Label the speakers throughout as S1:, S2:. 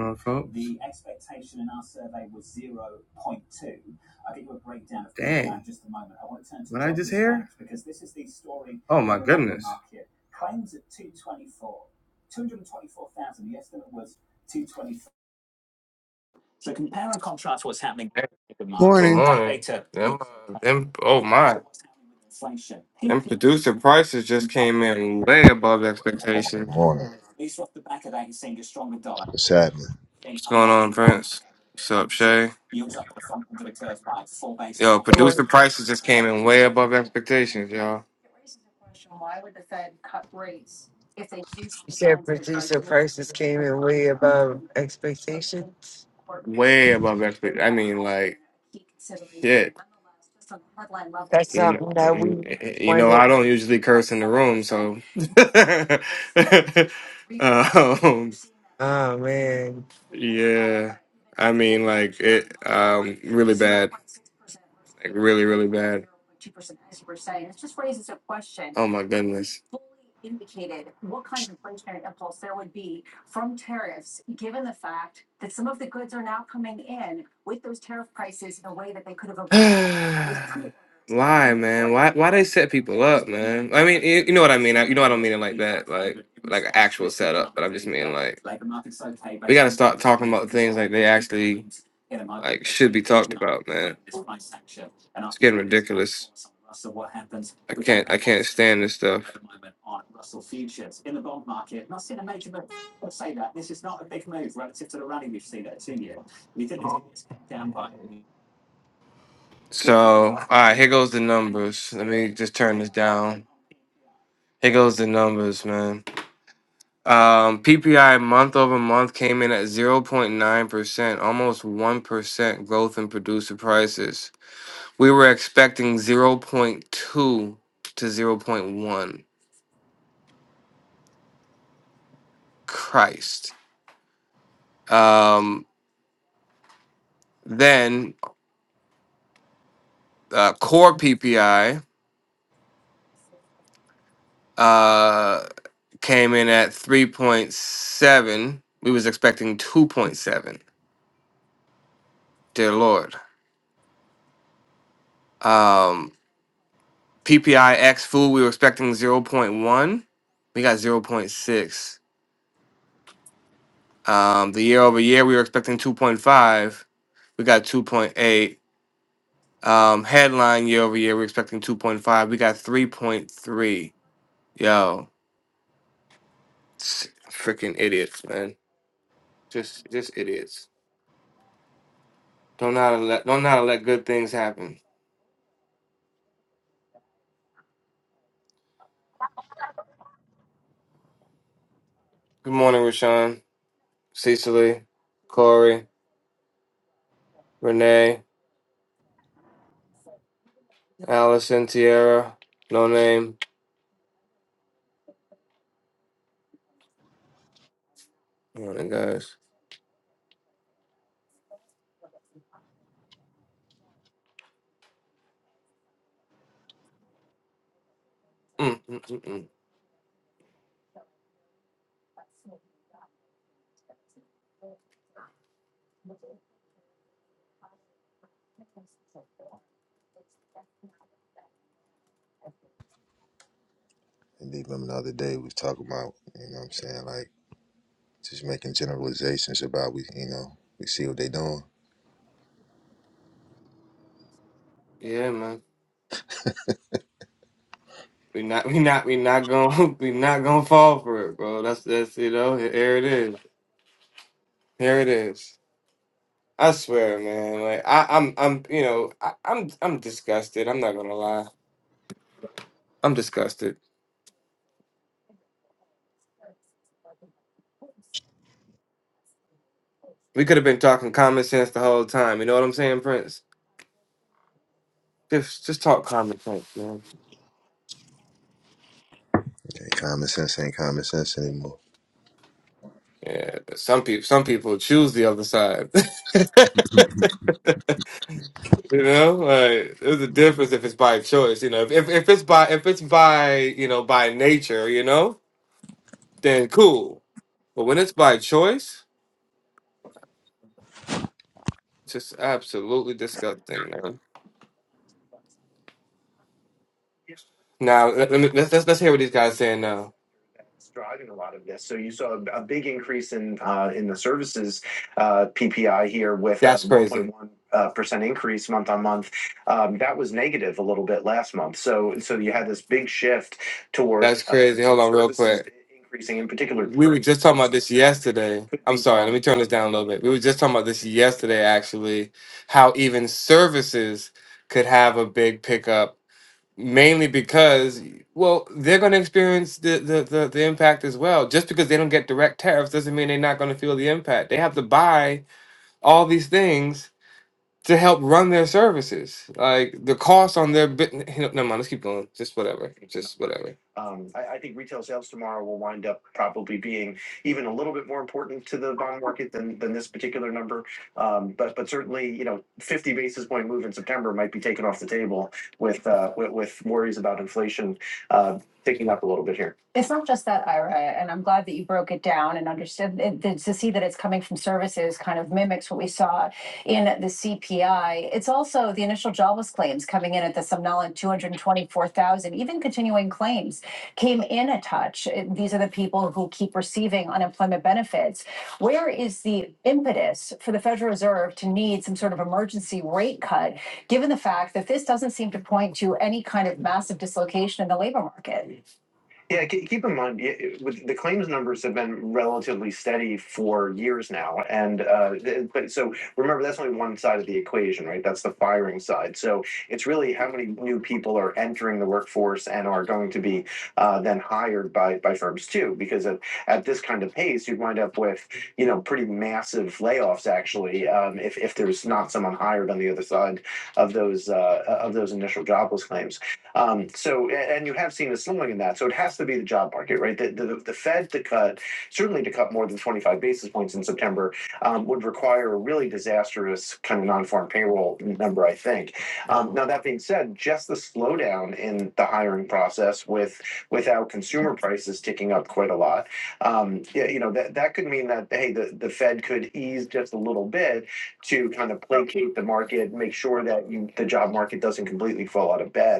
S1: on, folks? Hey,
S2: Morning.
S1: morning. uh, them, oh producer prices just came in way above
S3: morning. What's happening?
S1: What's going on, Prince? What's up, Shay? Yo,
S4: Good morning.
S1: producer prices just came in way above expectations, y'all. Way
S4: You said producer prices came in way above expectations.
S1: above expectations. I mean, like, shit.
S4: That's
S1: You know,
S4: something
S1: I
S4: that
S1: mean,
S4: we
S1: you know,
S4: wanted.
S1: I don't usually curse in the room, so. um,
S4: Oh man,
S1: yeah. I mean, like it, um, really bad, like really, really bad. Oh my goodness. Why, man? Why why they set people up, man? I mean, you, you know what I mean. I, you know I don't mean it like that, like like an actual setup. But I'm just mean like we got to start talking about things like they actually like should be talked about, man. It's getting ridiculous. I can't I can't stand this stuff. So all right, here goes the numbers. Let me just turn this down. Here goes the numbers, man. Um, PPI month over month came in at 0.9%, almost 1% growth in producer prices. We were expecting zero point 0.2 to zero point 0.1. Christ. Um, then uh, core PPI uh, came in at 3.7. We was expecting 2.7. Dear Lord. Um, PPI X food, we were expecting zero point 0.1. We got zero point 0.6 Um, the year over year, we were expecting 2.5. We got 2.8. Um, headline year over year, we are expecting 2.5. We got 3.3. Yo, s- freaking idiots, man. Just, just idiots. Don't know how to let, don't know how to let good things happen. Good morning, Rashawn, Cecily, Corey, Renee, Allison, Tierra, No Name. Good morning, guys. Mm, mm, mm, mm.
S3: And even the other day we was talking about, you know what I'm saying, like just making generalizations about we you know, we see what they doing.
S1: Yeah, man. We not we not we not gonna we not gonna fall for it, bro. That's that's you know, he- here it is. Here it is. I swear, man. Like I, I'm I'm you know, I, I'm I'm disgusted. I'm not gonna lie. I'm disgusted. We could have been talking common sense the whole time. You know what I'm saying, Prince? Just just talk common sense, man.
S3: Okay, common sense ain't common sense anymore.
S1: Yeah, but some people some people choose the other side. you know, like there's a difference if it's by choice. You know, if if if it's by if it's by you know by nature, you know, then cool. But when it's by choice, it's just absolutely disgusting, man. Now let, let me, let's, let's let's hear what these guys saying now. It's driving a lot of this. So you saw a big increase in uh, in the services uh, PPI here with That's crazy. Uh, percent increase month on month. Um, That was negative a little bit last month. So so you had this big shift towards. That's crazy. uh, Hold on real services quick. Increasing in particular. We were just talking about this yesterday. Could I'm be sorry, let me turn this down a little bit. We were just talking about this yesterday, actually, how even services could have a big pickup mainly because well they're going to experience the, the the the impact as well just because they don't get direct tariffs doesn't mean they're not going to feel the impact they have to buy all these things to help run their services. Like the cost on their bit. No, never mind. Let's keep going. Just whatever. Just whatever. Um, I, I think retail sales tomorrow will wind up probably being even a little bit more important to the bond market than, than this particular number. Um, but but certainly, you know, 50 basis point move in September might be taken off the table with uh, with, with worries about inflation uh, picking up a little bit here. It's not just that, Ira, and I'm glad that you broke it down and understood it, to see that it's coming from services kind of mimics what we saw in the CPI. It's also the initial jobless claims coming in at the somnolent 224,000, even continuing claims came in a touch. Uh, These are the people who keep receiving unemployment benefits. Where is the impetus for the Federal Reserve to need some sort of emergency rate cut, given the fact that this doesn't seem to point to any kind of massive dislocation in the labor market? Yeah, keep in mind, yeah, with the claims numbers have been relatively steady for years now. And uh, but so remember, that's only one side of the equation, right? That's the firing side. So it's really how many new people are entering the workforce and are going to be uh, then hired by by firms too. Because at, at this kind of pace, you'd wind up with you know pretty massive layoffs actually um, if if there's not someone hired on the other side of those uh, of those initial jobless claims. Um, so, and you have seen a slowing in that. So it has to be the job market, right? The, the, the Fed to cut, certainly to cut more than 25 basis points in September, um, would require a really disastrous kind of non farm payroll number, I think. Um, now, that being said, just the slowdown in the hiring process with without consumer prices ticking up quite a lot, um, yeah, you know, that, that could mean that, hey, the, the Fed could ease just a little bit to kind of placate the market, make sure that you, the job market doesn't completely fall out of bed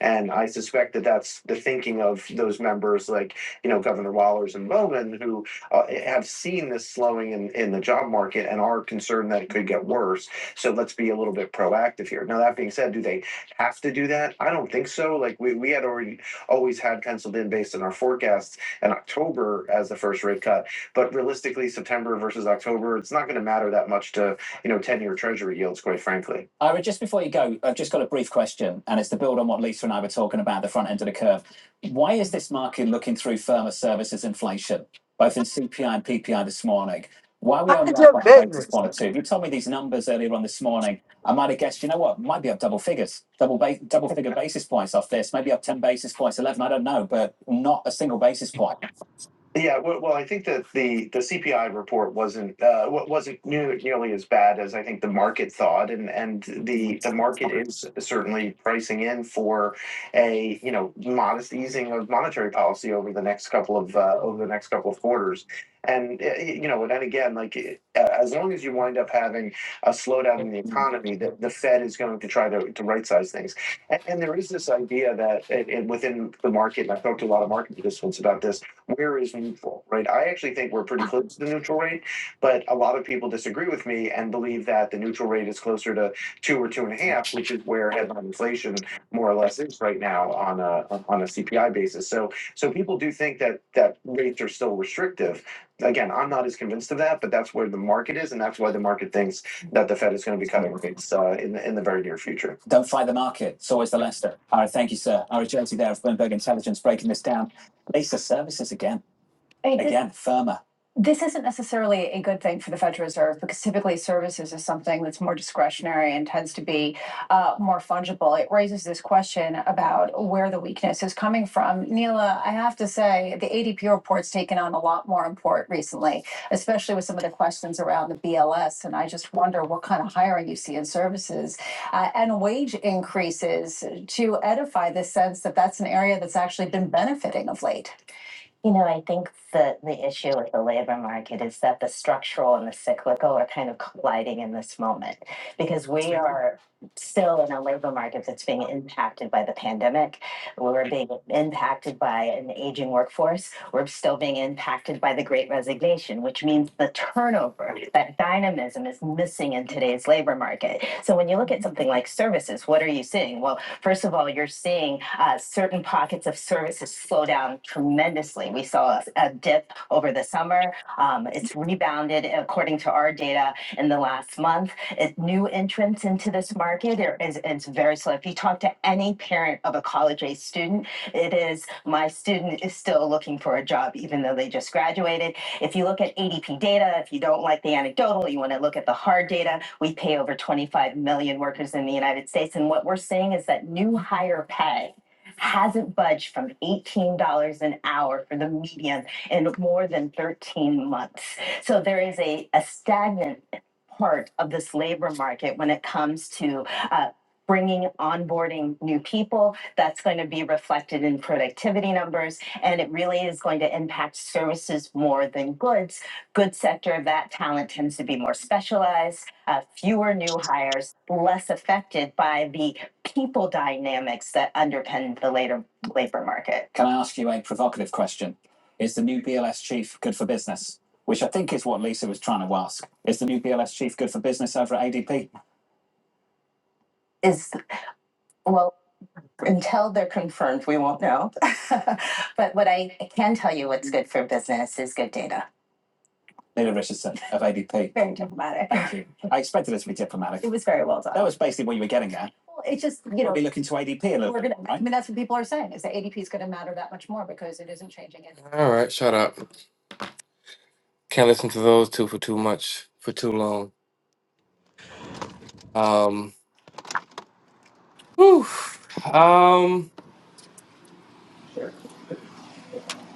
S1: and I suspect that that's the thinking of those members, like, you know, Governor Wallers and Bowman, who uh, eh, have seen this slowing in, in the job market and are concerned that it could get worse. So let's be a little bit proactive here. Now, that being said, do they have to do that? I don't think so. Like, we, we had already always had penciled in based on our forecasts in October as the first rate cut. But realistically, September versus October, it's not going to matter that much to, you know, 10 year treasury yields, quite frankly.
S4: mind your business.
S1: Yeah, well, well, I think that the the CPI report wasn't uh, wasn't nearly as bad as I think the market thought, and and the the market is certainly pricing in for a you know modest easing of monetary policy over the next couple of uh, over the next couple of quarters. And uh, you know, and then again, like uh, as long as you wind up having a slowdown in the economy, the, the Fed is going to try to, to right size things. And, and there is this idea that, and and within the market, and I've talked to a lot of market participants about this, where is neutral, right? I actually think we're pretty close to the neutral rate, but a lot of people disagree with me and believe that the neutral rate is closer to two or two and a half, which is where headline inflation more or less is right now on a on a CPI basis. So so people do think that that rates are still restrictive. Again, I'm not as convinced of that, but that's where the market is, and that's why the market thinks that the Fed is going to be cutting rates uh, in the in the very near future. I mean, this isn't necessarily a good thing for the Federal Reserve because typically services is something that's more discretionary and tends to be uh, more fungible. It raises this question about where the weakness is coming from. Neela, I have to say the ADP report's taken on a lot more import recently, especially with some of the questions around the BLS. And I just wonder what kind of hiring you see in services uh, and wage increases to edify the sense that that's an area that's actually been benefiting of late. You know, I think the, the issue with the labor market is that the structural and the cyclical are kind of colliding in this moment because we are still in a labor market that's being impacted by the pandemic. We're being impacted by an aging workforce. We're still being impacted by the great resignation, which means the turnover, that dynamism is missing in today's labor market. So when you look at something like services, what are you seeing? Well, First of all, you're seeing uh, certain pockets of services slow down tremendously. We saw a, a dip over the summer. Um, it's rebounded according to our data in the last month. It, new entrants into this market are, is, is very slow. If you talk to any parent of a college age student, it is my student is still looking for a job, even though they just graduated. If you look at ADP data, if you don't like the anecdotal, you want to look at the hard data, we pay over 25 million workers in the United States. And what we're seeing is that new higher pay hasn't budged from $18 an hour for the median in more than 13 months. So there is a, a stagnant part of this labor market when it comes to uh, bringing onboarding new people. That's going to be reflected in productivity numbers. And it really is going to impact services more than goods. Goods sector that talent tends to be more specialized, uh, fewer new hires, less affected by the people dynamics that underpin the later labor market. Is well, until they're confirmed, we won't know. but what I can tell you what's good for business is good data. very diplomatic. was very well done. Well, It's just, you mean, that's what people are saying is that ADP is going to matter that much more because it isn't changing. it. All right, shut up. Can't listen to those two for too much for too long. Um, whew. um,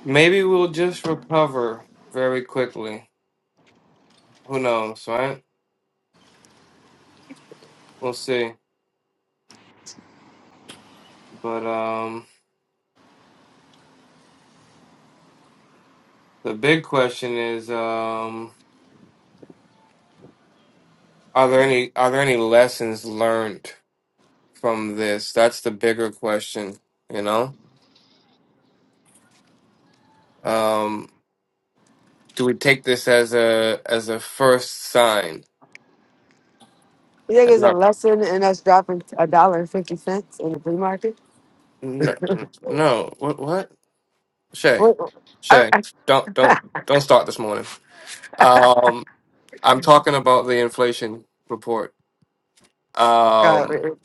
S1: maybe we'll just recover very quickly. Who knows, right? We'll see. But um, the big question is, um, are there any are there any lessons learned from this? That's the bigger question. You know, um, do we take this as a as a first sign?
S4: You think it's a
S1: No,
S4: lesson in us dropping a dollar and fifty cents in the free market?
S1: no, no. no. What? What? Shay,
S4: What? I,
S1: Shay,
S4: I,
S1: don't don't don't start this morning. Um, I'm talking about the inflation report.
S4: God,
S1: Um,
S4: man.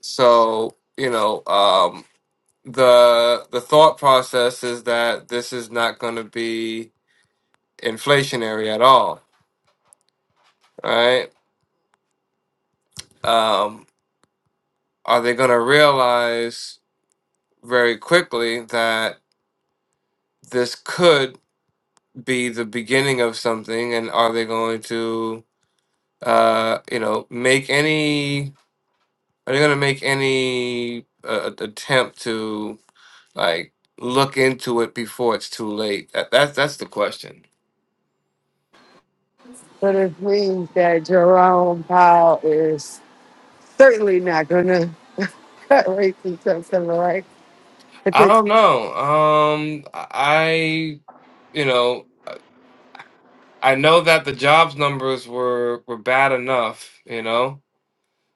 S1: so you know, um, the the thought process is that this is not going to be inflationary at all, right? Um, are they going to realize very quickly that this could be the beginning of something, and are they going to uh, you know, make any Are you gonna make any uh, a- attempt to like look into it before it's too late? That, that's that's the question.
S4: but it means that Jerome Powell is certainly not going to cut rates until September, right?
S1: I
S4: Because
S1: don't know. Um, I you know I know that the jobs numbers were were bad enough. You know.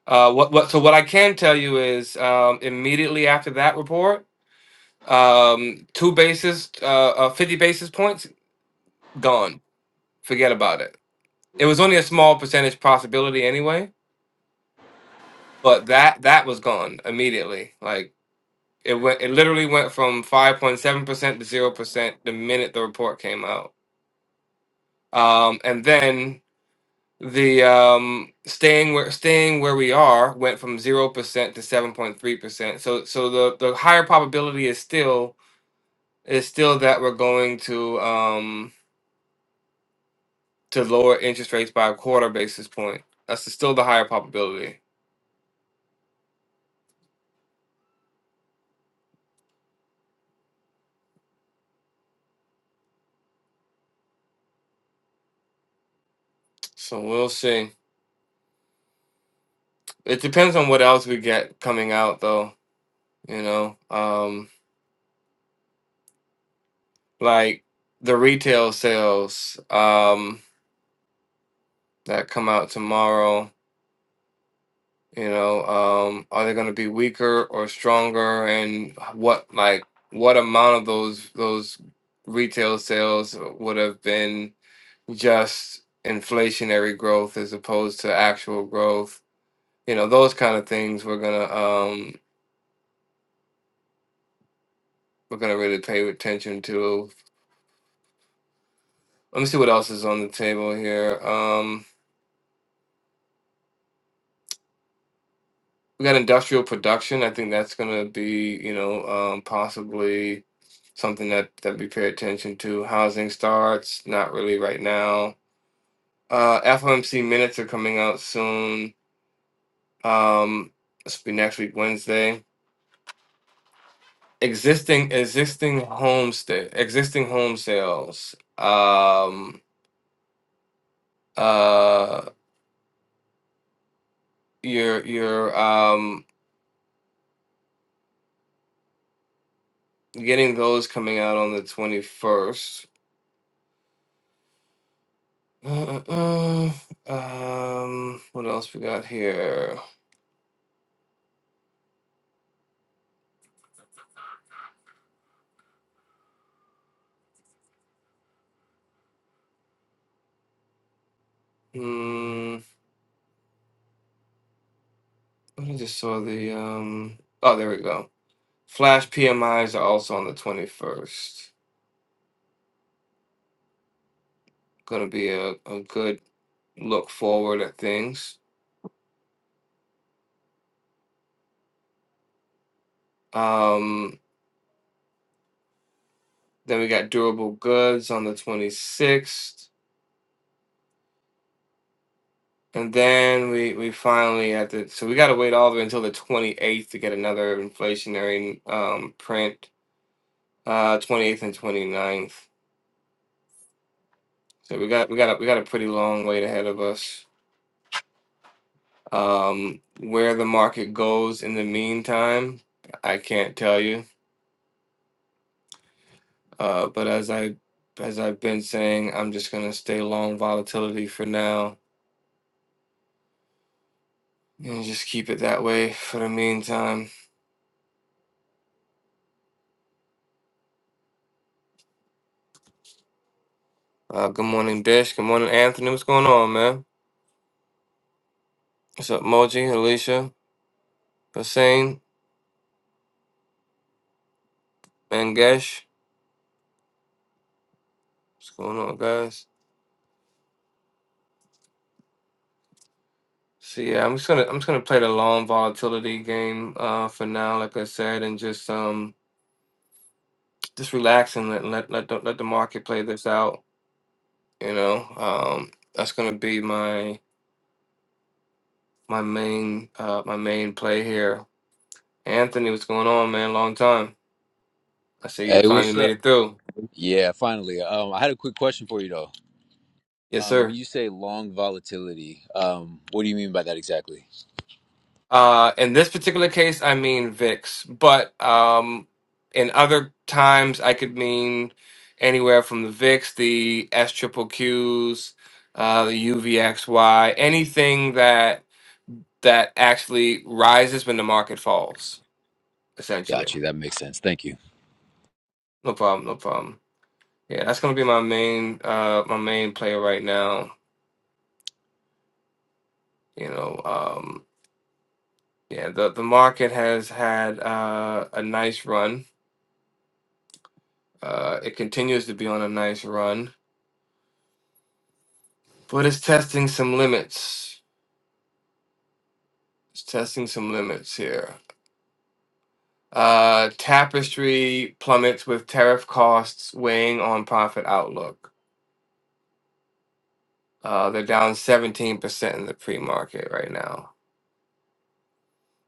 S1: Uh, what what? So what I can tell you is um, immediately after that report, um, two basis, uh, uh, fifty basis points gone. Forget about it. It was only a small percentage possibility anyway but that that was gone immediately. Like it went, it literally went from five point seven percent to zero percent the minute the report came out. Um, and then the um, staying where staying where we are went from zero percent to seven point three percent. So so the the higher probability is still is still that we're going to um, to lower interest rates by a quarter basis point. That's still the higher probability. So we'll see. It depends on what else we get coming out though. you know um like the retail sales um that come out tomorrow you know um are they going to be weaker or stronger and what like what amount of those those retail sales would have been just inflationary growth as opposed to actual growth you know those kind of things we're going to um we're going to really pay attention to let me see what else is on the table here Um, We got industrial production. I think that's going to be, you know, um, possibly something that that we pay attention to. Housing starts, not really right now. Uh, FOMC minutes are coming out soon. Um, this will be next week, Wednesday. Existing existing home sta- existing home sales. Um, uh, you're you're um, getting those coming out on the twenty first. Uh, uh, uh, um, what else we got here? Hmm, what I just saw the um. Oh, there we go. Flash PMIs are also on the twenty first. Going to be a, a good look forward at things. Um, then we got durable goods on the 26th. And then we, we finally had to, so we got to wait all the way until the 28th to get another inflationary um, print, uh, 28th and 29th. So we got we got a, we got a pretty long wait ahead of us. Um, where the market goes in the meantime, I can't tell you. Uh, but as I as I've been saying, I'm just gonna stay long volatility for now and just keep it that way for the meantime. Uh, good morning, Bish. Good morning, Anthony. What's going on, man? What's up, Moji, Alicia, Hussein, Mangesh? What's going on, guys? So yeah, I'm just gonna I'm just gonna play the long volatility game uh, for now, like I said, and just um just relax and let let let the, let the market play this out. You know, um, that's gonna be my my main uh, my main play here. Anthony, what's going on, man? Long time. I see you
S5: Hey,
S1: finally
S5: what's
S1: made
S5: up?
S1: it through.
S5: Yeah, finally. Um, I had a quick question for you though.
S1: Yes,
S5: Um, when
S1: sir.
S5: you say long volatility, um, what do you mean by that exactly?
S1: Uh, in this particular case, I mean VIX, but um, in other times, I could mean anywhere from the VIX, the S triple Qs, uh, the UVXY, anything that that actually rises when the market falls essentially.
S5: Got you. That makes sense. Thank you.
S1: No problem, no problem. Yeah, that's gonna be my main uh my main player right now. You know, um yeah, the the market has had uh a nice run. Uh it continues to be on a nice run, but it's testing some limits. It's testing some limits here. Uh Tapestry plummets with tariff costs weighing on profit outlook. Uh they're down 17% in the pre-market right now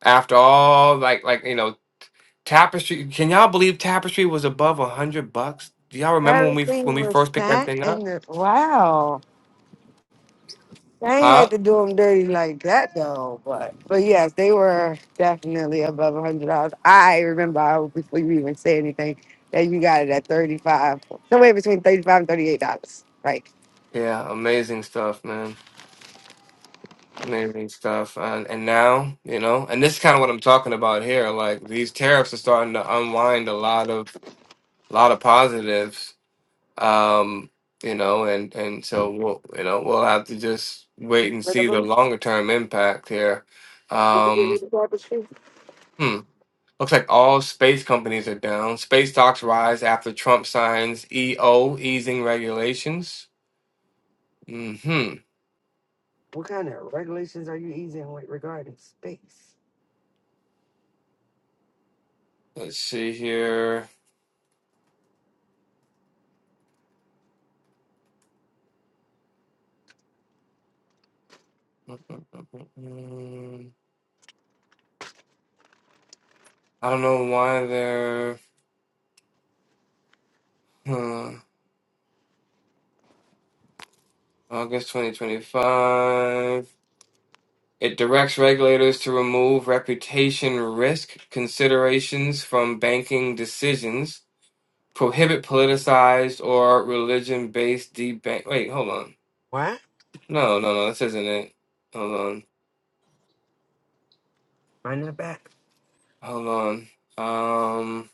S1: after all like like you know Tapestry. Can y'all believe Tapestry was above a hundred bucks? Do y'all remember when we
S4: everything
S1: when we
S4: was
S1: first picked that
S4: that
S1: thing up?
S4: and the, wow. I ain't had
S1: Huh?
S4: to do them dirty like that though, but but yes, they were definitely above a hundred dollars. I remember I, before you even say anything that you got it at thirty five, somewhere between thirty five and thirty eight dollars, right?
S1: Yeah, amazing stuff, man. Amazing stuff. And and now, you know, and this is kind of what I'm talking about here. Like these tariffs are starting to unwind a lot of a lot of positives. Um, you know, and and so we'll you know we'll have to just wait and see the
S4: Minimum.
S1: longer term impact here.
S4: Did you get your
S1: Um,
S4: garbage too?
S1: hmm. Looks like all space companies are down. Space stocks rise after Trump signs EO easing regulations. hmm
S4: What kind of regulations are you easing with regarding space?
S1: Let's see here. I don't know why they're huh. August 2025. It directs regulators to remove reputation risk considerations from banking decisions, prohibit politicized or religion-based debank. Wait, hold on.
S4: What?
S1: No, no, no, this isn't it. Hold on.
S4: Mind that back.
S1: Hold on. Um.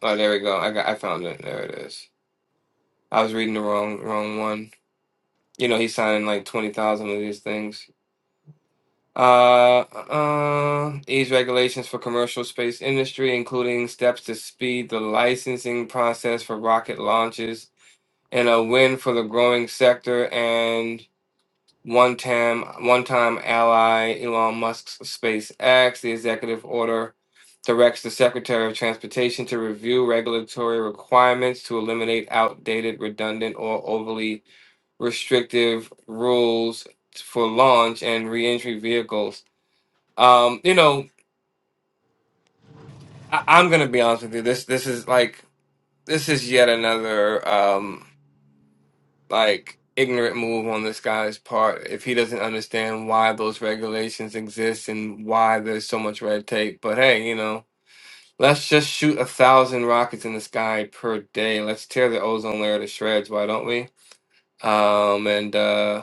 S1: Oh, there we go. I got. I found it. There it is. I was reading the wrong wrong one. You know, he's signing like twenty thousand of these things. Uh, uh, ease regulations for commercial space industry, including steps to speed the licensing process for rocket launches, and a win for the growing sector. one time one time ally Elon Musk's SpaceX. The executive order directs the Secretary of Transportation to review regulatory requirements to eliminate outdated, redundant, or overly restrictive rules for launch and reentry vehicles. Um, you know, I- I'm gonna be honest with you. This this is like this is yet another. Um, like ignorant move on this guy's part if he doesn't understand why those regulations exist and why there's so much red tape. But hey, you know, let's just shoot a thousand rockets in the sky per day. Let's tear the ozone layer to shreds, why don't we? Um, and uh,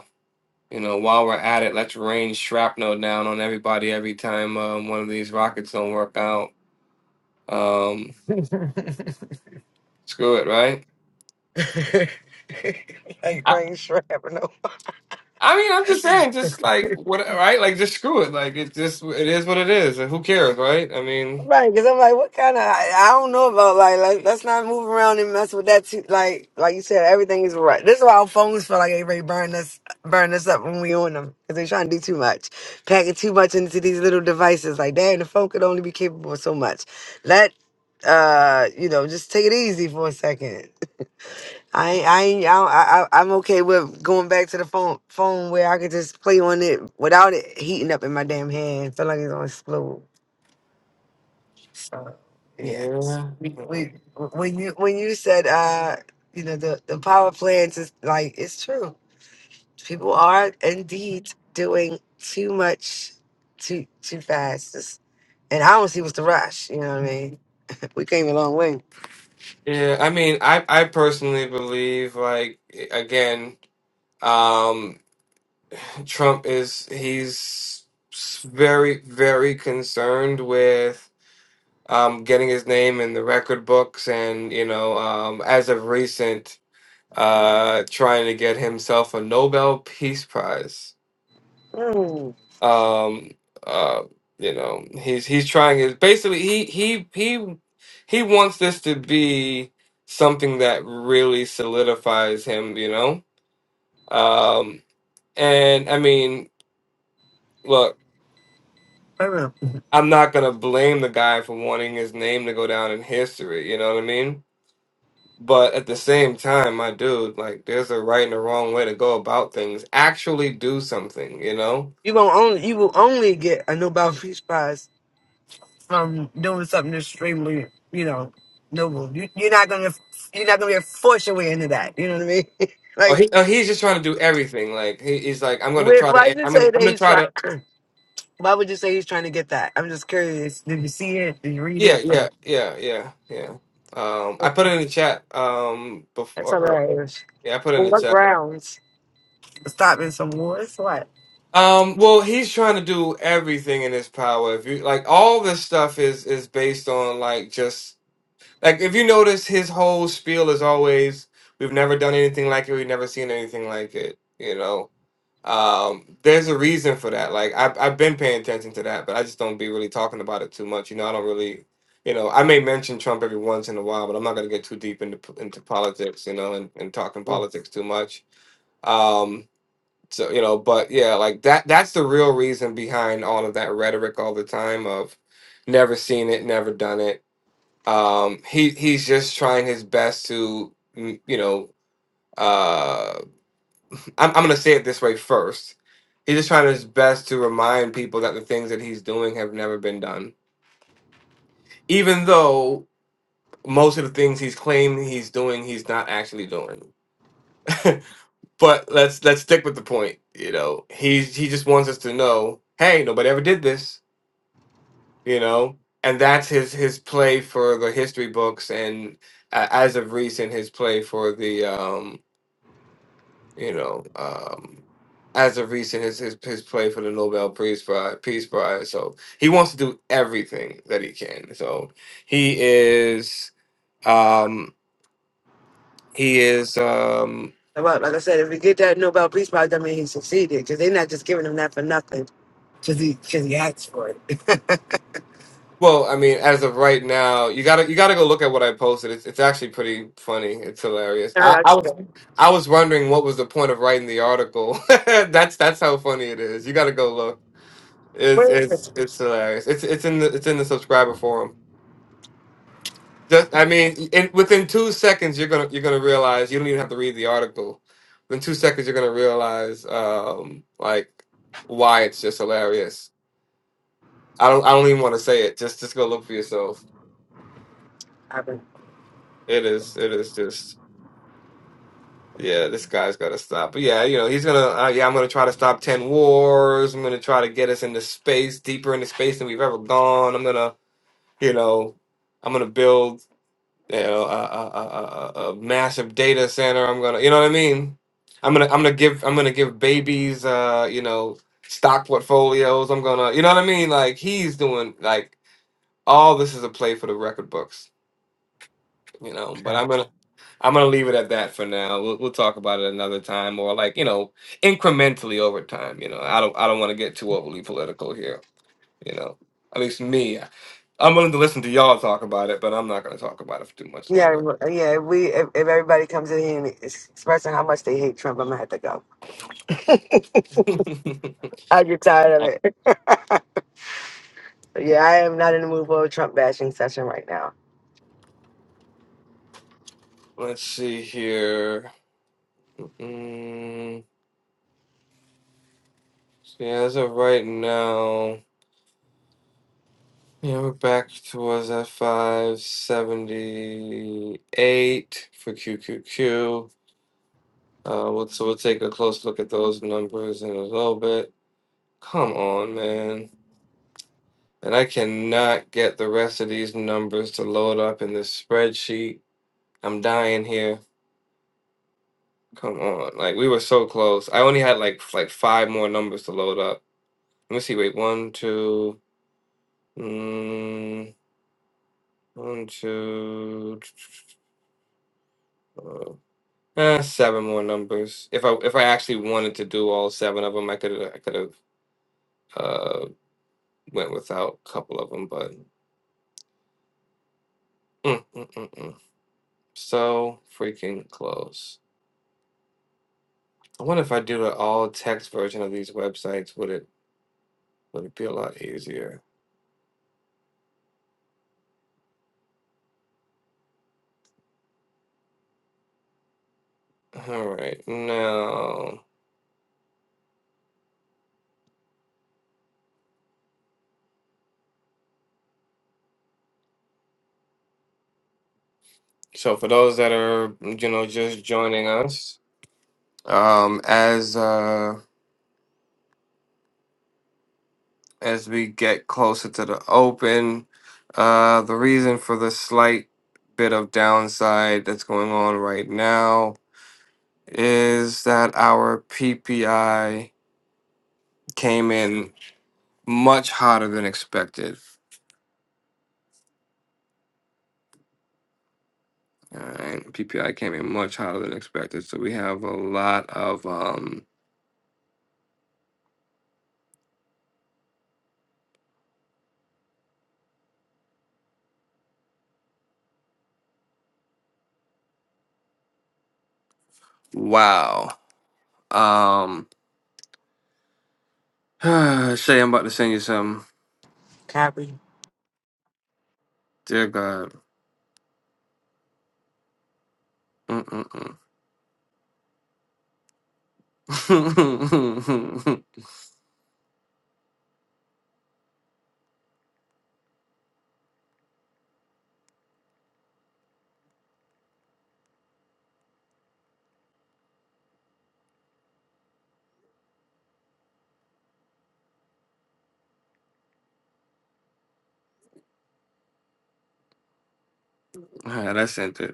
S1: you know, while we're at it, let's rain shrapnel down on everybody every time um, one of these rockets don't work out. Um, screw it, right?
S4: like rain strap or no?
S1: I mean, I'm just saying, just like what, right? Like, just screw it. Like, it just it is what it is. and Who cares, right? I mean,
S4: Right, because I'm like, what kind of? I, I don't know about like, like, let's not move around and mess with that. Too. Like, like you said, everything is right. This is why our phones feel like they ready to burn us, burn us up when we on them because they're trying to do too much, packing too much into these little devices. Like, damn, the phone could only be capable of so much. Let, uh, you know, just take it easy for a second. I, ain't- I, ain't- I, don't- I, I- I'm okay with going back to the phone, phone where I could just play on it without it heating up in my damn hand. Feel like it's gonna explode. So yes,
S1: yeah,
S4: we, we when you when you said uh you know the the power plants is like it's true. People are indeed doing too much, too too fast, It's- and I don't see what's the rush. You know what I mean? We came a long way.
S1: yeah. I mean, I I personally believe, like, again, um, Trump is he's very very concerned with um getting his name in the record books, and you know, um, as of recent, uh, trying to get himself a Nobel Peace Prize.
S4: Mm,
S1: Um, uh, you know, he's he's trying his basically he he he he wants this to be something that really solidifies him, you know? Um, and I mean, look,
S4: for real.
S1: I'm not gonna blame the guy for wanting his name to go down in history, you know what I mean? But at the same time, my dude, like, there's a right and a wrong way to go about things. Actually, do something, you know.
S4: You gonna only you will only get a Nobel Peace Prize from doing something extremely you know noble. You, you're not gonna you're not gonna be forced your way into that. You know what I mean?
S1: Oh,
S4: like
S1: he, oh he's just trying to do everything. Like he, he's like, I'm gonna
S4: Wait,
S1: try
S4: Why did
S1: to,
S4: you
S1: I'm gonna,
S4: say that
S1: I'm gonna
S4: he's
S1: try
S4: trying?
S1: to
S4: Why would you say he's trying to get that? I'm just curious. Did you see it? Did you read
S1: Yeah,
S4: it?
S1: yeah,
S4: Um,
S1: yeah, yeah, yeah. Um, I put it in the chat. Um,
S4: That's
S1: before, or,
S4: hilarious.
S1: yeah, I put it in
S4: On
S1: the
S4: what
S1: chat.
S4: grounds? Stopping some wars? What?
S1: Um, well, he's trying to do everything in his power. If you like, all this stuff is is based on like just like if you notice, his whole spiel is always, "We've never done anything like it. We've never seen anything like it." You know. Um, there's a reason for that. Like I've I've been paying attention to that, but I just don't be really talking about it too much. You know, I don't really, you know, I may mention Trump every once in a while, but I'm not gonna get too deep into p- into politics, you know, and, and talking
S4: Mm.
S1: politics too much. Um, so you know, but yeah, like that that's the real reason behind all of that rhetoric all the time of never seen it, never done it. Um, he he's just trying his best to, mm, you know, uh, I'm, I'm going to say it this way first. He's just trying his best to remind people that the things that he's doing have never been done, even though most of the things he's claiming he's doing, he's not actually doing. but let's let's stick with the point. You know, he's he just wants us to know, hey, nobody ever did this. You know, and that's his his play for the history books, and uh, as of recent, his play for the um. you know, um, as of recent, his, his his play for the Nobel Peace Prize, Peace Prize. So he wants to do everything that he can. So he is, um, he is, um,
S4: Well, like I said, if we get that Nobel Peace Prize, that means he succeeded because they're not just giving him that for nothing because he, cause he asked for it.
S1: well, I mean, as of right now, you gotta you gotta go look at what I posted. It's it's actually pretty funny. It's hilarious.
S4: All right,
S1: I, I
S4: that's
S1: was.
S4: good.
S1: I was wondering what was the point of writing the article. that's that's how funny it is. You got to go look. It's
S4: Where is
S1: it's
S4: it?
S1: it's hilarious. It's it's in the it's in the subscriber forum. Just, I mean, in, within two seconds, you're gonna you're gonna realize you don't even have to read the article. Within two seconds, you're gonna realize um, like why it's just hilarious. I don't I don't even want to say it. Just just go look for yourself.
S4: Happened.
S1: It is it is just yeah. This guy's got to stop. But yeah, you know he's gonna uh, yeah. I'm gonna try to stop ten wars. I'm gonna try to get us into space deeper into space than we've ever gone. I'm gonna you know I'm gonna build. you know, a, a, a, a a massive data center. I'm gonna, you know what I mean? I'm gonna, I'm gonna give, I'm gonna give babies, uh, you know, stock portfolios. I'm gonna, you know what I mean? Like he's doing, like all this is a play for the record books, you know. But
S4: Okay.
S1: I'm gonna, I'm gonna leave it at that for now. We'll, we'll talk about it another time, or like you know, incrementally over time. You know, I don't, I don't want to get too overly political here. You know, at least me. I'm willing to listen to y'all talk about it, but I'm not going to talk about it for too much
S4: Yeah, well, yeah. If we if, if everybody comes in here and is expressing how much they hate Trump, I'm gonna have to go.
S1: longer.
S4: I get
S1: Uh,
S4: tired of it. Yeah, I am not in the mood for a Trump bashing session right now.
S1: Let's see here. Mm, see, as of right now, yeah, we're back to us at 578 for QQQ. Uh, we'll, so we'll take a close look at those numbers in a little bit. Come on, man. And I cannot get the rest of these numbers to load up in this spreadsheet. I'm dying here. Come on. Like, we were so close. I only had like f- like five more numbers to load up. Let me see. Wait, one, two. Mm, one, two, uh, eh, seven more numbers. If I if I actually wanted to do all seven of them, I could I could have uh went without a couple of them, but mm, mm, mm, mm. so freaking close. I wonder if I do the all text version of these websites, would it would it be a lot easier? All right, now. So for those that are you know just joining us, um, as uh. as we get closer to the open. Uh, the reason for the slight bit of downside that's going on right now is that our PPI came in much hotter than expected. All right, PPI came in much hotter than expected, so we have a lot of um, wow. Um, Shay, I'm about to send you some.
S4: Copy.
S1: Dear God. Mm-mm-mm. All right, I sent it.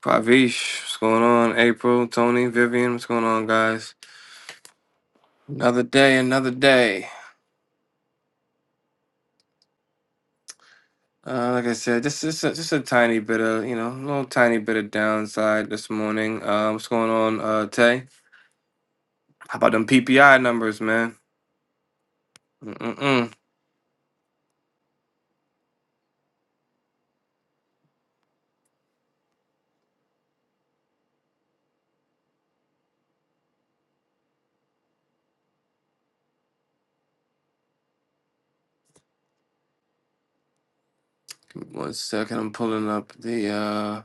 S1: Pravish, what's going on? April, Tony, Vivian, what's going on, guys? Another day, another day. Uh, like I said, just is a, just a tiny bit of, you know, a little tiny bit of downside this morning. Uh, what's going on, uh, Tay? How about them PPI numbers, man? mm mm One second, I'm pulling up the, uh,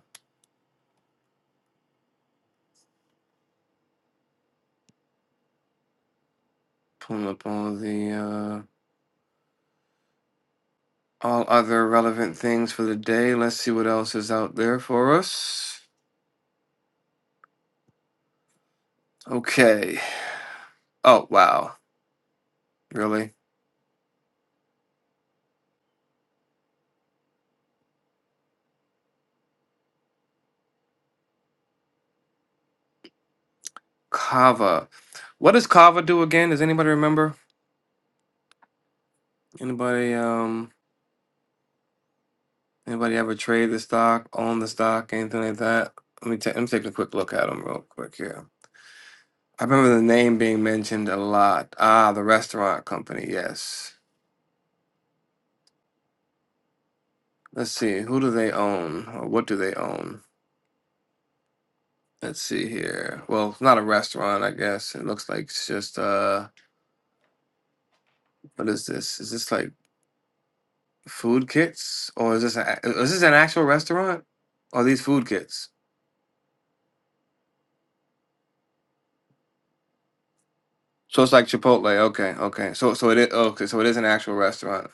S1: pulling up all the, uh, all other relevant things for the day. Let's see what else is out there for us. Okay. Oh, wow. Really? Kava. What does Kava do again? Does anybody remember? Anybody um anybody ever trade the stock, own the stock, anything like that? Let me, ta- let me take a quick look at them real quick here. I remember the name being mentioned a lot. Ah, the restaurant company, yes. Let's see, who do they own or what do they own? Let's see here. Well, it's not a restaurant, I guess. It looks like it's just uh what is this? Is this like food kits or is this a, is this an actual restaurant? Or these food kits? So it's like Chipotle. Okay, okay. So so it is okay. So it is an actual restaurant.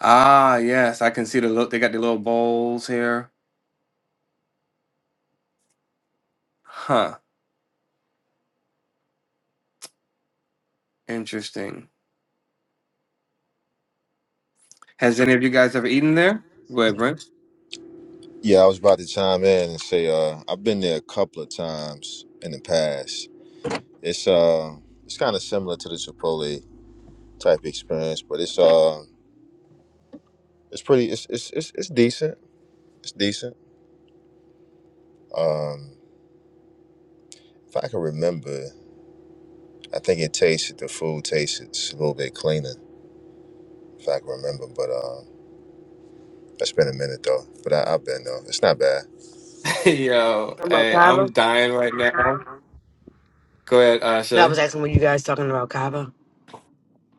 S1: Ah, yes, I can see the look. They got the little bowls here. Huh. Interesting. Has any of you guys ever eaten there? Go ahead, Brent.
S3: Yeah, I was about to chime in and say, uh, I've been there a couple of times in the past. It's uh it's kinda similar to the Chipotle type experience, but it's uh it's pretty it's it's it's, it's decent. It's decent. Um if I can remember, I think it tasted the food tasted a little bit cleaner if I can remember. But um, it's been a minute though. But I, I've been though. It's not bad.
S1: Yo,
S4: Talking about
S1: hey,
S4: Kava?
S1: I'm dying right now. Go ahead,
S4: No, I was
S1: Asha.
S4: asking what you guys talking about Kava.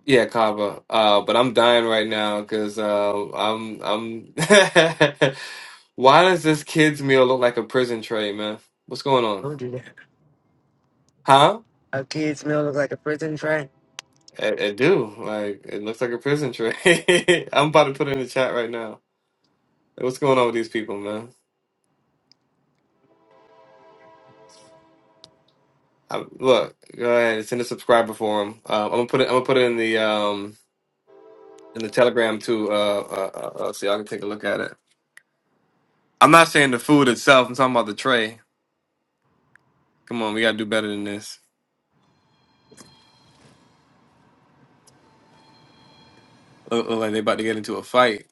S1: Yeah, Kava. Uh, but I'm dying right now because uh, I'm I'm. Why does this kids meal look like a prison tray, man? What's going on?
S4: Don't do that.
S1: Huh?
S4: Our kids' meal look like a prison tray.
S1: I, I do. Like it looks like a prison trade. I'm about to put it in the chat right now. Like, What's going on with these people, man? I, look, go ahead. It's in the subscriber forum. Uh, I'm gonna put it. I'm gonna put it in the um in the Telegram too. Uh, uh, uh, uh, so y'all can take a look at it. I'm not saying the food itself. I'm talking about the tray. Come on, we gotta do better than this. Look, look like they about to get into a fight.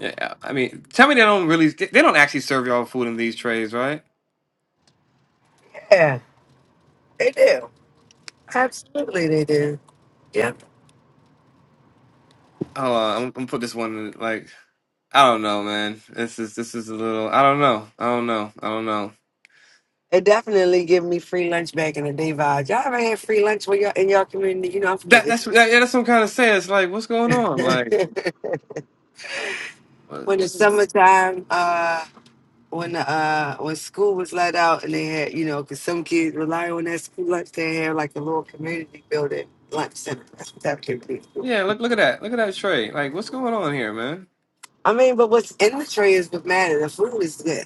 S1: Yeah, I mean, tell me they don't really. They they don't actually serve y'all food in these trays, right?
S4: Yeah, they do. Absolutely, they do. Yep.
S1: Hold on, I'm, I'm gonna put this one in, like I don't know, man. This is this is a little. I don't know. I don't know. I don't know.
S4: They definitely give me free lunch back in the day vibes. Y'all ever had free lunch when y'all in y'all community? You know, I'm from
S1: That that's
S4: the
S1: that, yeah, that's what I'm kind of saying. It's like, what's going on? Like,
S4: hood.
S1: what,
S4: when
S1: what
S4: it's
S1: is,
S4: summertime, uh, when uh when school was let out and they had you know because some kids rely on that school lunch they had like a little community building lunch center that's what that could be
S1: yeah, look look at that. Look at that trade. Like, what's going on here, man?
S4: i mean but what's in the tray is what matters the food is good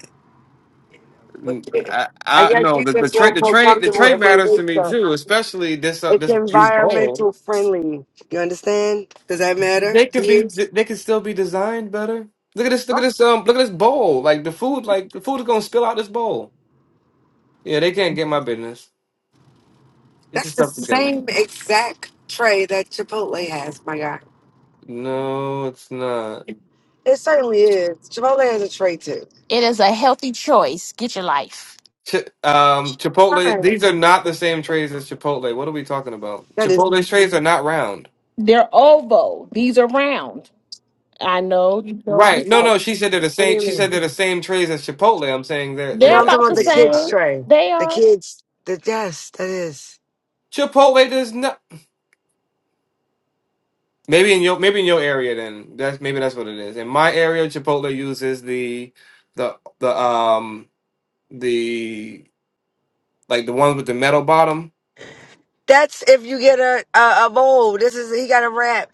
S4: But,
S1: Mm,
S4: eh,
S1: I
S4: i
S1: I
S4: guess
S1: no
S4: you
S1: the
S4: can
S1: the trade
S4: feel
S1: the
S4: more
S1: trade the
S4: comfortable
S1: trade
S4: if they
S1: matters to
S4: do
S1: me
S4: stuff
S1: too, especially this uh,
S4: it's
S1: this these bowls.
S4: environmental friendly you understand does that matter
S1: They could
S4: to
S1: be
S4: you
S1: they could still be designed better. Look at this. Look at
S4: Huh?
S1: this. Um, look at this bowl. Like the food. Like the food is gonna spill out this bowl. Yeah, they can't get my business. Get your
S4: that's the
S1: stuff together.
S4: same exact tray that chipotle has my guy
S1: No, it's not.
S4: it certainly is chipotle has a tray too
S6: It is a healthy choice. Get your life.
S1: Ch um, Chipotle.
S4: right.
S1: These are not the same trays as Chipotle. What are we talking about?
S4: that is
S1: Chipotle's trays are not round.
S6: They're oval. These are round. I know you know you're
S1: Right. No,
S6: saying.
S1: no. She said they're the
S4: what do
S1: same.
S4: you
S1: She
S4: mean
S1: said they're the same trays as Chipotle. I'm saying they're
S4: No,
S6: They're
S1: they're
S4: I'm talking
S6: about
S4: about
S6: the
S4: the
S1: absolutely
S4: kids
S6: same.
S1: not.
S4: tray.
S6: They
S4: The
S6: are.
S4: kids, the yes, that is.
S1: Chipotle does not. Maybe in your maybe in your area then. That's maybe that's what it is. In my area, Chipotle uses the the the um the like the ones with the metal bottom.
S4: That's if you get a a, a bowl. This is he got a wrap.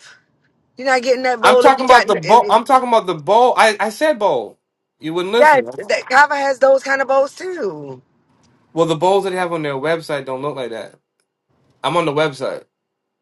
S4: You're not getting that
S1: I'm
S4: bowl if
S1: talking
S4: you
S1: about
S4: got.
S1: the bowl.
S4: If,
S1: I'm talking about the bowl. I I said bowl. You wouldn't
S4: yes,
S1: listen.
S4: that Kava has those kind of bowls too.
S1: Well, the bowls that they have on their website don't look like that. I'm on the website.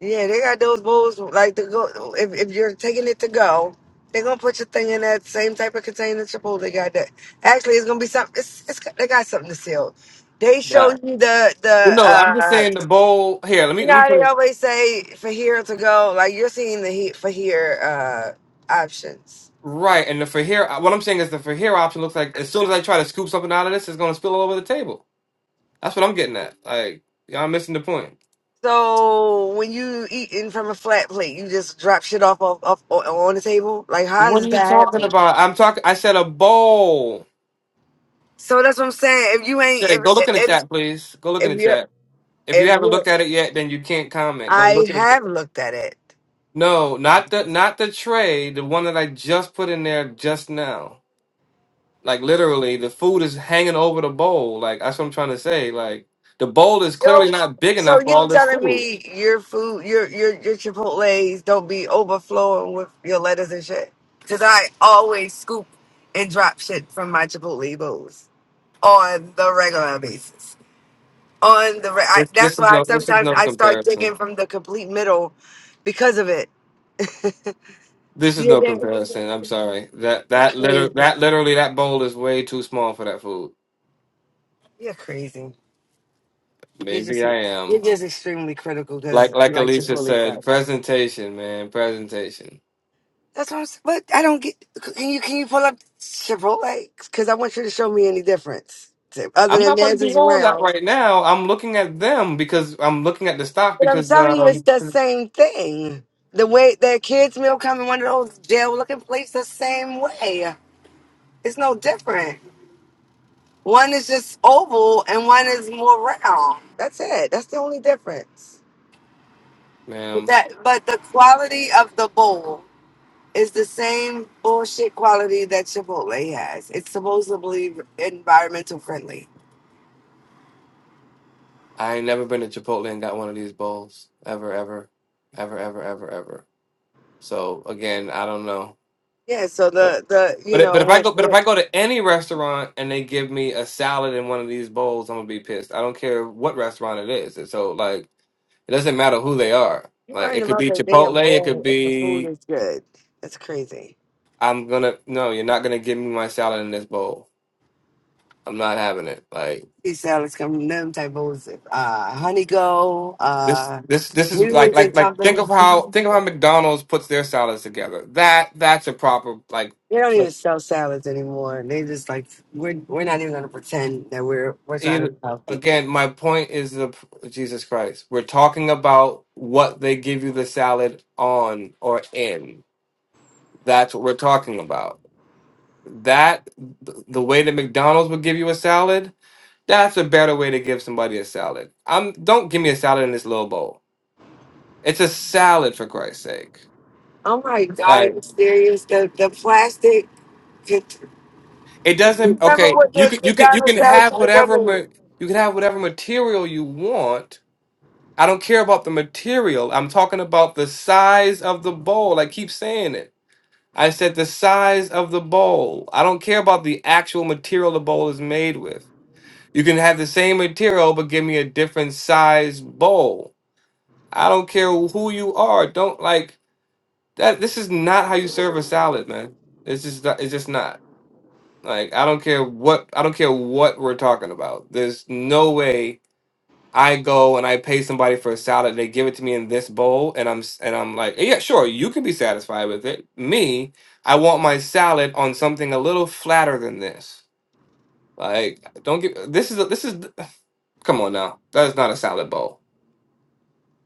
S4: Yeah, they got those bowls like to go. If if you're taking it to go, they're gonna put your thing in that same type of container Chipotle got. That actually, it's gonna be something. It's, it's they got something to sell. They show
S1: Yeah.
S4: you the
S1: Well,
S4: the.
S1: no, I'm just
S4: Uh,
S1: saying the bowl here. Let me let me
S4: No,
S1: put
S4: they
S1: it
S4: always say for here to go. Like you're seeing the heat for here uh, options.
S1: right. And the for here, what I'm saying is the for here option looks like as soon as I try to scoop something out of this, it's going to spill all over the table. That's what I'm getting at. Like y'all missing the point.
S4: So when you eating from a flat plate, you just drop shit off, off, off o- on the table. Like how
S1: What
S4: does
S1: are you
S4: that
S1: talking
S4: happen?
S1: about? I'm talking. I said a bowl.
S4: So that's what I'm saying. If you ain't
S1: Shay, go look
S4: if
S1: in the
S4: if
S1: chat, please. Go look in
S4: if
S1: the
S4: you're
S1: chat. If you
S4: if
S1: haven't
S4: you are
S1: looked at it yet, then you can't comment. Go
S4: I
S1: look in the chat.
S4: have looked at it.
S1: No, not the not the tray. The one that I just put in there just now. Like literally, the food is hanging over the bowl. Like that's what I'm trying to say. Like the bowl is clearly
S4: Yo,
S1: not big
S4: so
S1: enough for
S4: you
S1: all this
S4: telling
S1: food.
S4: me your food, your your your Chipotle's don't be overflowing with your lettuce and shit? Cause I always scoop and drop shit from my Chipotle bowls on the regular basis. On the re- I,
S1: This
S4: that's
S1: this is
S4: why
S1: no this is
S4: sometimes
S1: no
S4: I start
S1: comparison.
S4: digging from the complete middle because of it.
S1: This is
S4: You're
S1: no
S4: there.
S1: comparison. I'm sorry. That
S4: You're
S1: that liter
S4: crazy.
S1: that literally that bowl is way too small for that food.
S4: You're crazy. You're
S1: Maybe
S4: just
S1: I
S4: you're
S1: am.
S4: just extremely critical
S1: Like
S4: because you
S1: like
S4: like.
S1: Alicia said, presentation, man, presentation.
S4: That's what I'm saying. But I don't get. Can you can you pull up Chipotle? Because I want you to show me any difference to- other
S1: I'm
S4: than
S1: not about to
S4: theirs
S1: be
S4: is
S1: on that
S4: round.
S1: right now. I'm looking at them because I'm looking at the stock
S4: But I'm
S1: because
S4: telling you, it's
S1: um,
S4: the same thing. The way that kids' meal come in one of those jail-looking plates, the same way. It's no different. One is just oval and one is more round. That's it. That's the only difference. But
S1: ma'am.
S4: that, but the quality of the bowl is the same bullshit quality that Chipotle has. It's supposedly environmental friendly.
S1: I ain't never been to Chipotle and got one of these bowls ever, ever, ever, ever, ever, ever. So again, I don't know.
S4: Yeah, so
S1: But
S4: the the you
S1: but if- but
S4: know
S1: if I
S4: when,
S1: go but if
S4: when
S1: I go to any restaurant and they give me a salad in one of these bowls, I'm gonna be pissed. I don't care what restaurant it is. And so like it doesn't matter who they are.
S4: you
S1: Like
S4: learn
S1: it could
S4: about
S1: be
S4: that damn
S1: Chipotle, it could
S4: bowl, and the food
S1: be
S4: is good. That's crazy.
S1: I'm gonna no, you're not gonna give me my salad in this bowl. I'm not having it. Like
S4: Sea salads come from them type bowls. Uh, Honey Go,
S1: This
S4: uh,
S1: this this is like
S4: Noodles
S1: like
S4: and
S1: like think
S4: Company.
S1: of how
S4: They
S1: think of how McDonald's puts their salads together. That that's a proper like
S4: don't even sell salads anymore. They just like we're we're not even gonna pretend that we're we're trying to
S1: either,
S4: be healthy.
S1: again, my point is the Jesus Christ. We're talking about what they give you the salad on or in. That's what we're talking about. That th- the way that McDonald's would give you a salad, that's a better way to give somebody a salad. I'm don't give me a salad in this little bowl. It's a salad for Christ's sake.
S4: Oh my god,
S1: Like,
S4: are you serious? The the plastic
S1: It doesn't.
S4: remember
S1: Okay,
S4: what
S1: you can
S4: the
S1: you can you
S4: McDonald's
S1: can
S4: salad
S1: have
S4: used to come
S1: whatever ma-
S4: in?
S1: you can have whatever material you want. I don't care about the material. I'm talking about the size of the bowl. I keep saying it. I said the size of the bowl. I don't care about the actual material the bowl is made with. You can have the same material, but give me a different size bowl. I don't care who you are. Don't like that. This is not how you serve a salad, man. It's just not- it's just not. Like I don't care what I don't care what we're talking about. There's no way I go and I pay somebody for a salad. They give it to me in this bowl, and I'm s- and I'm like, yeah, sure, you can be satisfied with it. Me, I want my salad on something a little flatter than this. Like, don't get this is a, this is come on now. That is not a salad bowl.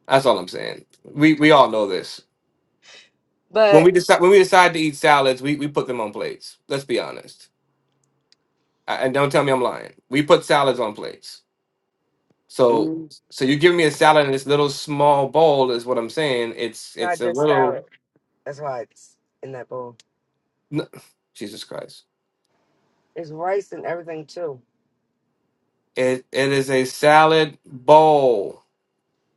S1: That's all I'm saying. We we all know this. When we
S4: But
S1: decide when we decide to eat salads, we we put them on plates. Let's be honest. I, and don't tell me I'm lying. We put salads on plates So
S4: mm,
S1: so you give me a salad in this little small bowl is what I'm saying. It's it's
S4: not
S1: a
S4: just salad.
S1: little
S4: That's why it's in that bowl.
S1: n- Jesus Christ.
S4: It's rice and everything too.
S1: It it is a salad bowl.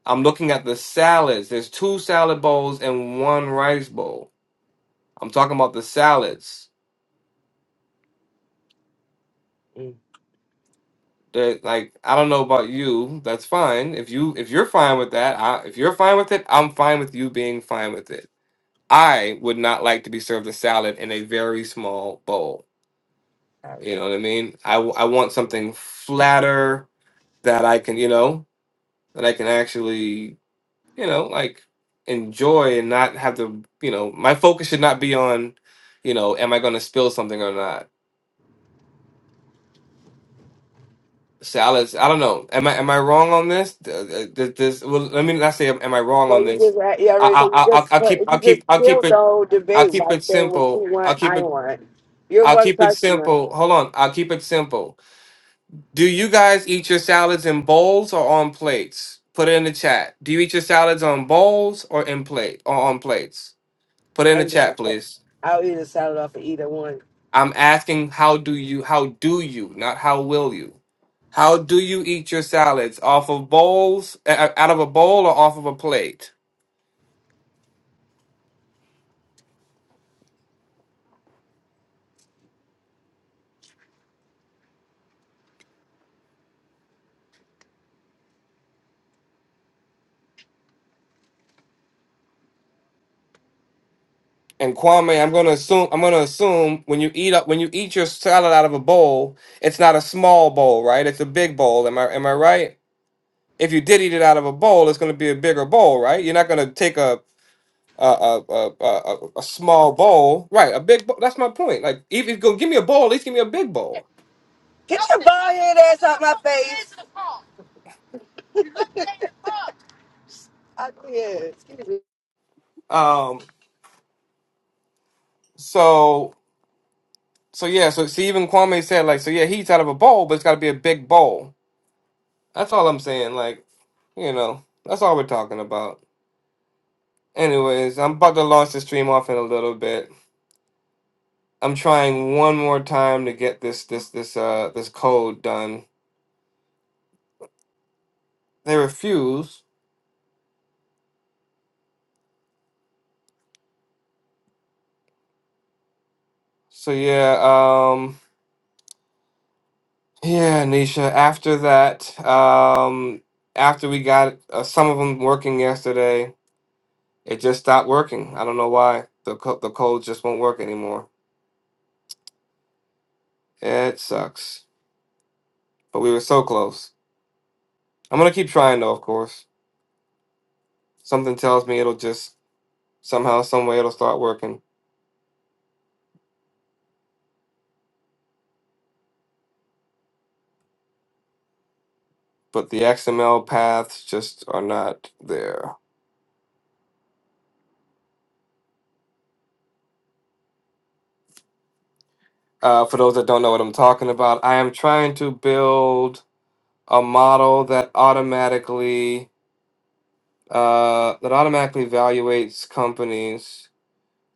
S1: I'm looking at the salads. There's two salad bowls and one rice bowl. I'm talking about the salads.
S4: Mm.
S1: That like I don't know about you. That's fine. If you if you're fine with that, I, if you're fine with it, I'm fine with you being fine with it. I would not like to be served a salad in a very small bowl.
S4: Um,
S1: You know what I mean? I, w- I want something flatter that I can, you know, that I can actually, you know, like enjoy and not have to, you know, my focus should not be on, you know, am I going to spill something or not? Salads, I don't know. Am I am I wrong on this? Th- th- This this well, let me not say am am I wrong
S4: Well,
S1: on
S4: you
S1: this.
S4: just ra- yeah,
S1: I
S4: right.
S1: I
S4: So you
S1: I I'll,
S4: just
S1: I'll
S4: tur-
S1: keep I'll
S4: you just
S1: keep I'll keep
S4: killed the
S1: it
S4: whole
S1: I'll
S4: debate
S1: keep
S4: right
S1: it
S4: there. What you
S1: simple. I'll
S4: want,
S1: keep
S4: I
S1: it
S4: want. You're
S1: I'll
S4: one
S1: keep it
S4: customer.
S1: simple. Hold on. I'll keep it simple. Do you guys eat your salads in bowls or on plates? Put it in the chat. Do you eat your salads on bowls or in plate or on plates? Put it in
S4: I
S1: the
S4: ain't gonna
S1: chat,
S4: fuck.
S1: please.
S4: I'll eat a salad off of either one.
S1: I'm asking how do you how do you, not how will you. How do you eat your salads? Off of bowls, uh, out of a bowl, or off of a plate? And Kwame, I'm gonna assume I'm gonna assume when you eat up when you eat your salad out of a bowl, it's not a small bowl, right? It's a big bowl. Am I am I right? if you did eat it out of a bowl, it's going to be a bigger bowl, right? You're not going to take a a, a a a a a small bowl, right? A big. Bowl. That's my point. Like, if you're going to give me a bowl, at least give me a big bowl.
S4: Get your bald head ass out my face. I, yeah, excuse me.
S1: Um. So so yeah. So see, even Kwame said like, so yeah, he eats out of a bowl, but it's got to be a big bowl. That's all I'm saying. Like, you know, that's all we're talking about. Anyways, I'm about to launch the stream off in a little bit. I'm trying one more time to get this this this uh this code done. They refuse So yeah, um, yeah, Nisha. After that, um, after we got uh, some of them working yesterday, it just stopped working. I don't know why. The co- the codes just won't work anymore. It sucks. But we were so close. I'm gonna keep trying though, of course. Something tells me it'll just somehow, some way, it'll start working. But the XML paths just are not there. Uh, for those that don't know what I'm talking about, I am trying to build a model that automatically uh, that automatically evaluates companies,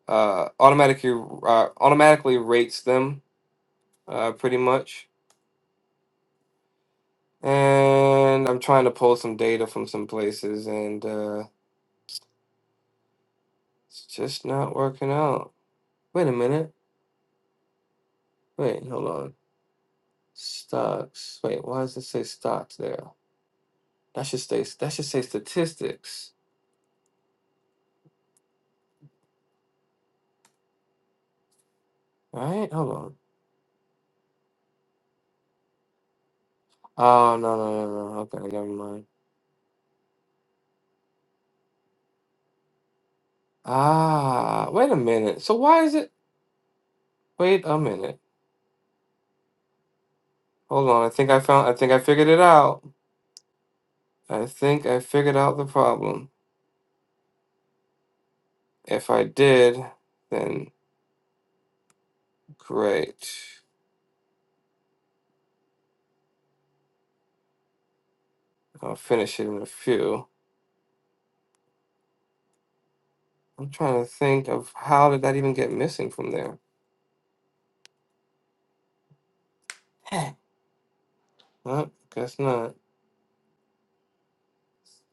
S1: uh, automatically uh, automatically rates them, uh, pretty much. And I'm trying to pull some data from some places, and uh, it's just not working out. Wait a minute. Wait, hold on. Stocks. Wait, why does it say stocks there? That should say that should say statistics, right? Hold on. Oh no no no no. Okay, never mind. Ah, wait a minute. So why is it? Wait a minute. Hold on, I think I found I think I figured it out. I think I figured out the problem. If I did, then great. I'll finish it in a few. I'm trying to think of how did that even get missing from there? Well, guess not.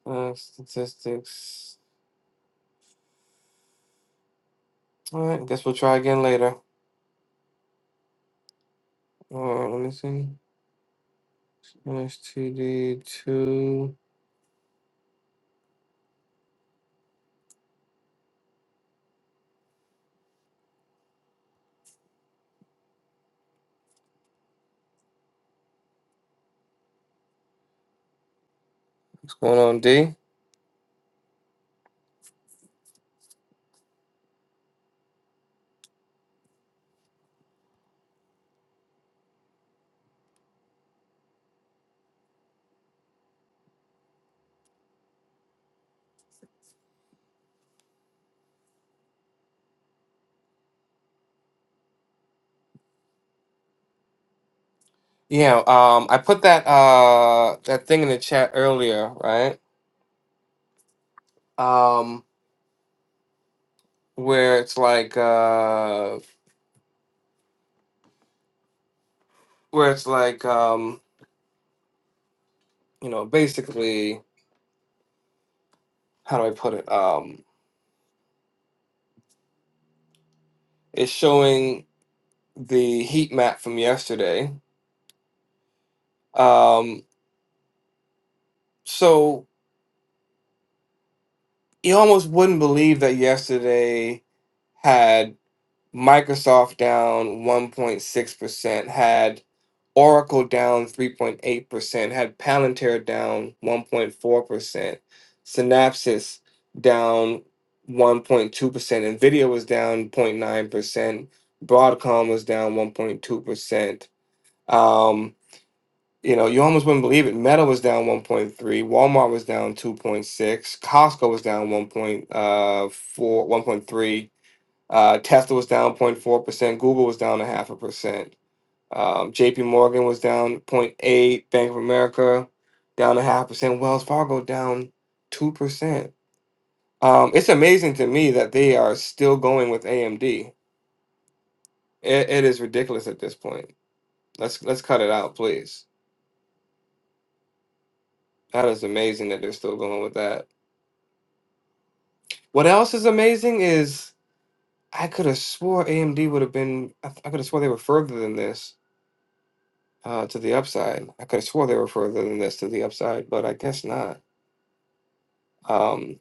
S1: Uh, statistics. All right, guess we'll try again later. All right, let me see. STD two. What's going on, D? Yeah. Um, I put that uh that thing in the chat earlier, right? Um. where it's like uh where it's like um you know basically how do i put it um it's showing the heat map from yesterday um so you almost wouldn't believe that yesterday had. Microsoft down 1.6%, had Oracle down 3.8%, had Palantir down 1.4%, Synapsis down 1.2%, Nvidia was down 0.9%, Broadcom was down 1.2%. Um, you know, you almost wouldn't believe it. Meta was down 1.3, Walmart was down 2.6, Costco was down 1.4, 1.3. Uh, Tesla was down 0.4%. Google was down a half a percent. Um, JP Morgan was down zero point 0.8. Bank of America down a half percent. Wells Fargo down 2%. Um, it's amazing to me that they are still going with AMD. It, it is ridiculous at this point. Let's let's cut it out, please. That is amazing that they're still going with that. What else is amazing is I could have swore AMD would have been. I, I could have swore they were further than this uh, to the upside. I could have swore they were further than this to the upside, but I guess not. Um,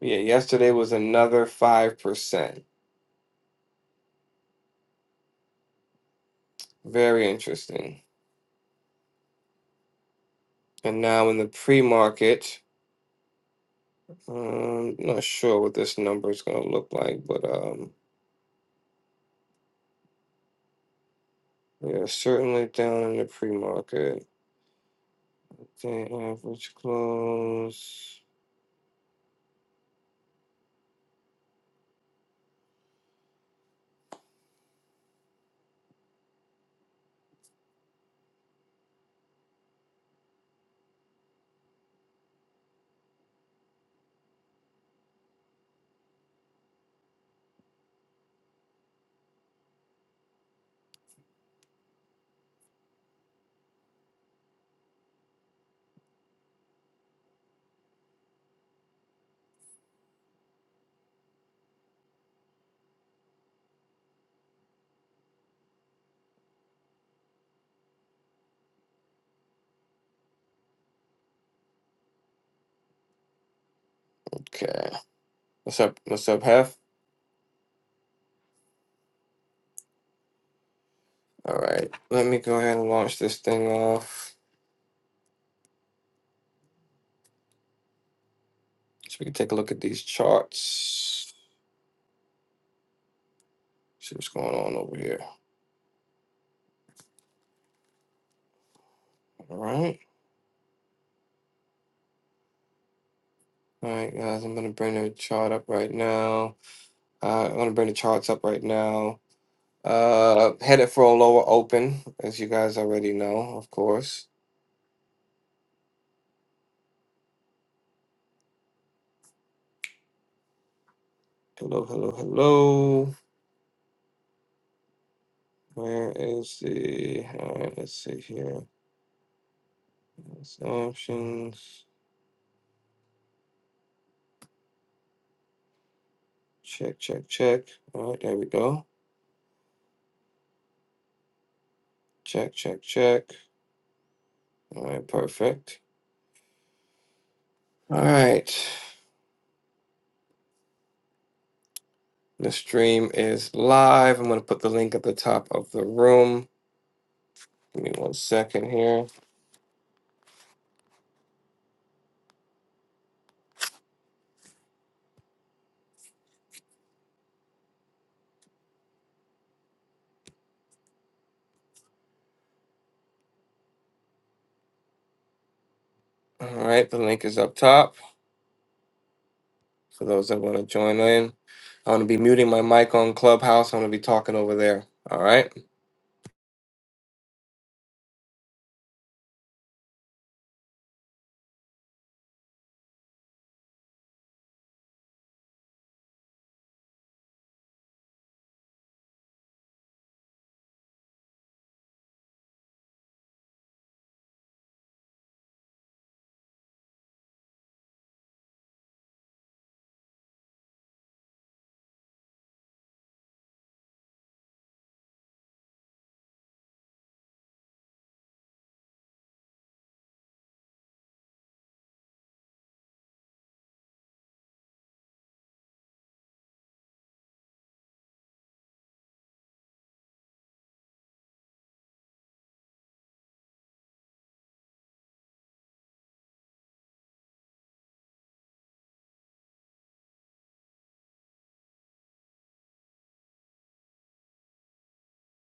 S1: yeah, yesterday was another 5%. Very interesting. And now in the pre market, um, not sure what this number is going to look like, but um, yeah, certainly down in the pre market. Day average close. Okay. What's up? What's up, Hef? All right. Let me go ahead and launch this thing off so we can take a look at these charts. See what's going on over here. All right. All right, guys, I'm going to bring the chart up right now. Uh, I'm going to bring the charts up right now. Uh, headed for a lower open, as you guys already know, of course. Hello, hello, hello. Where is the. All right, let's see here. That's options. Check, check, check. All right, there we go. Check, check, check. All right, perfect. All right. The stream is live. I'm going to put the link at the top of the room. Give me one second here. All right, the link is up top for those that want to join in. I'm going to be muting my mic on Clubhouse. I'm going to be talking over there. All right.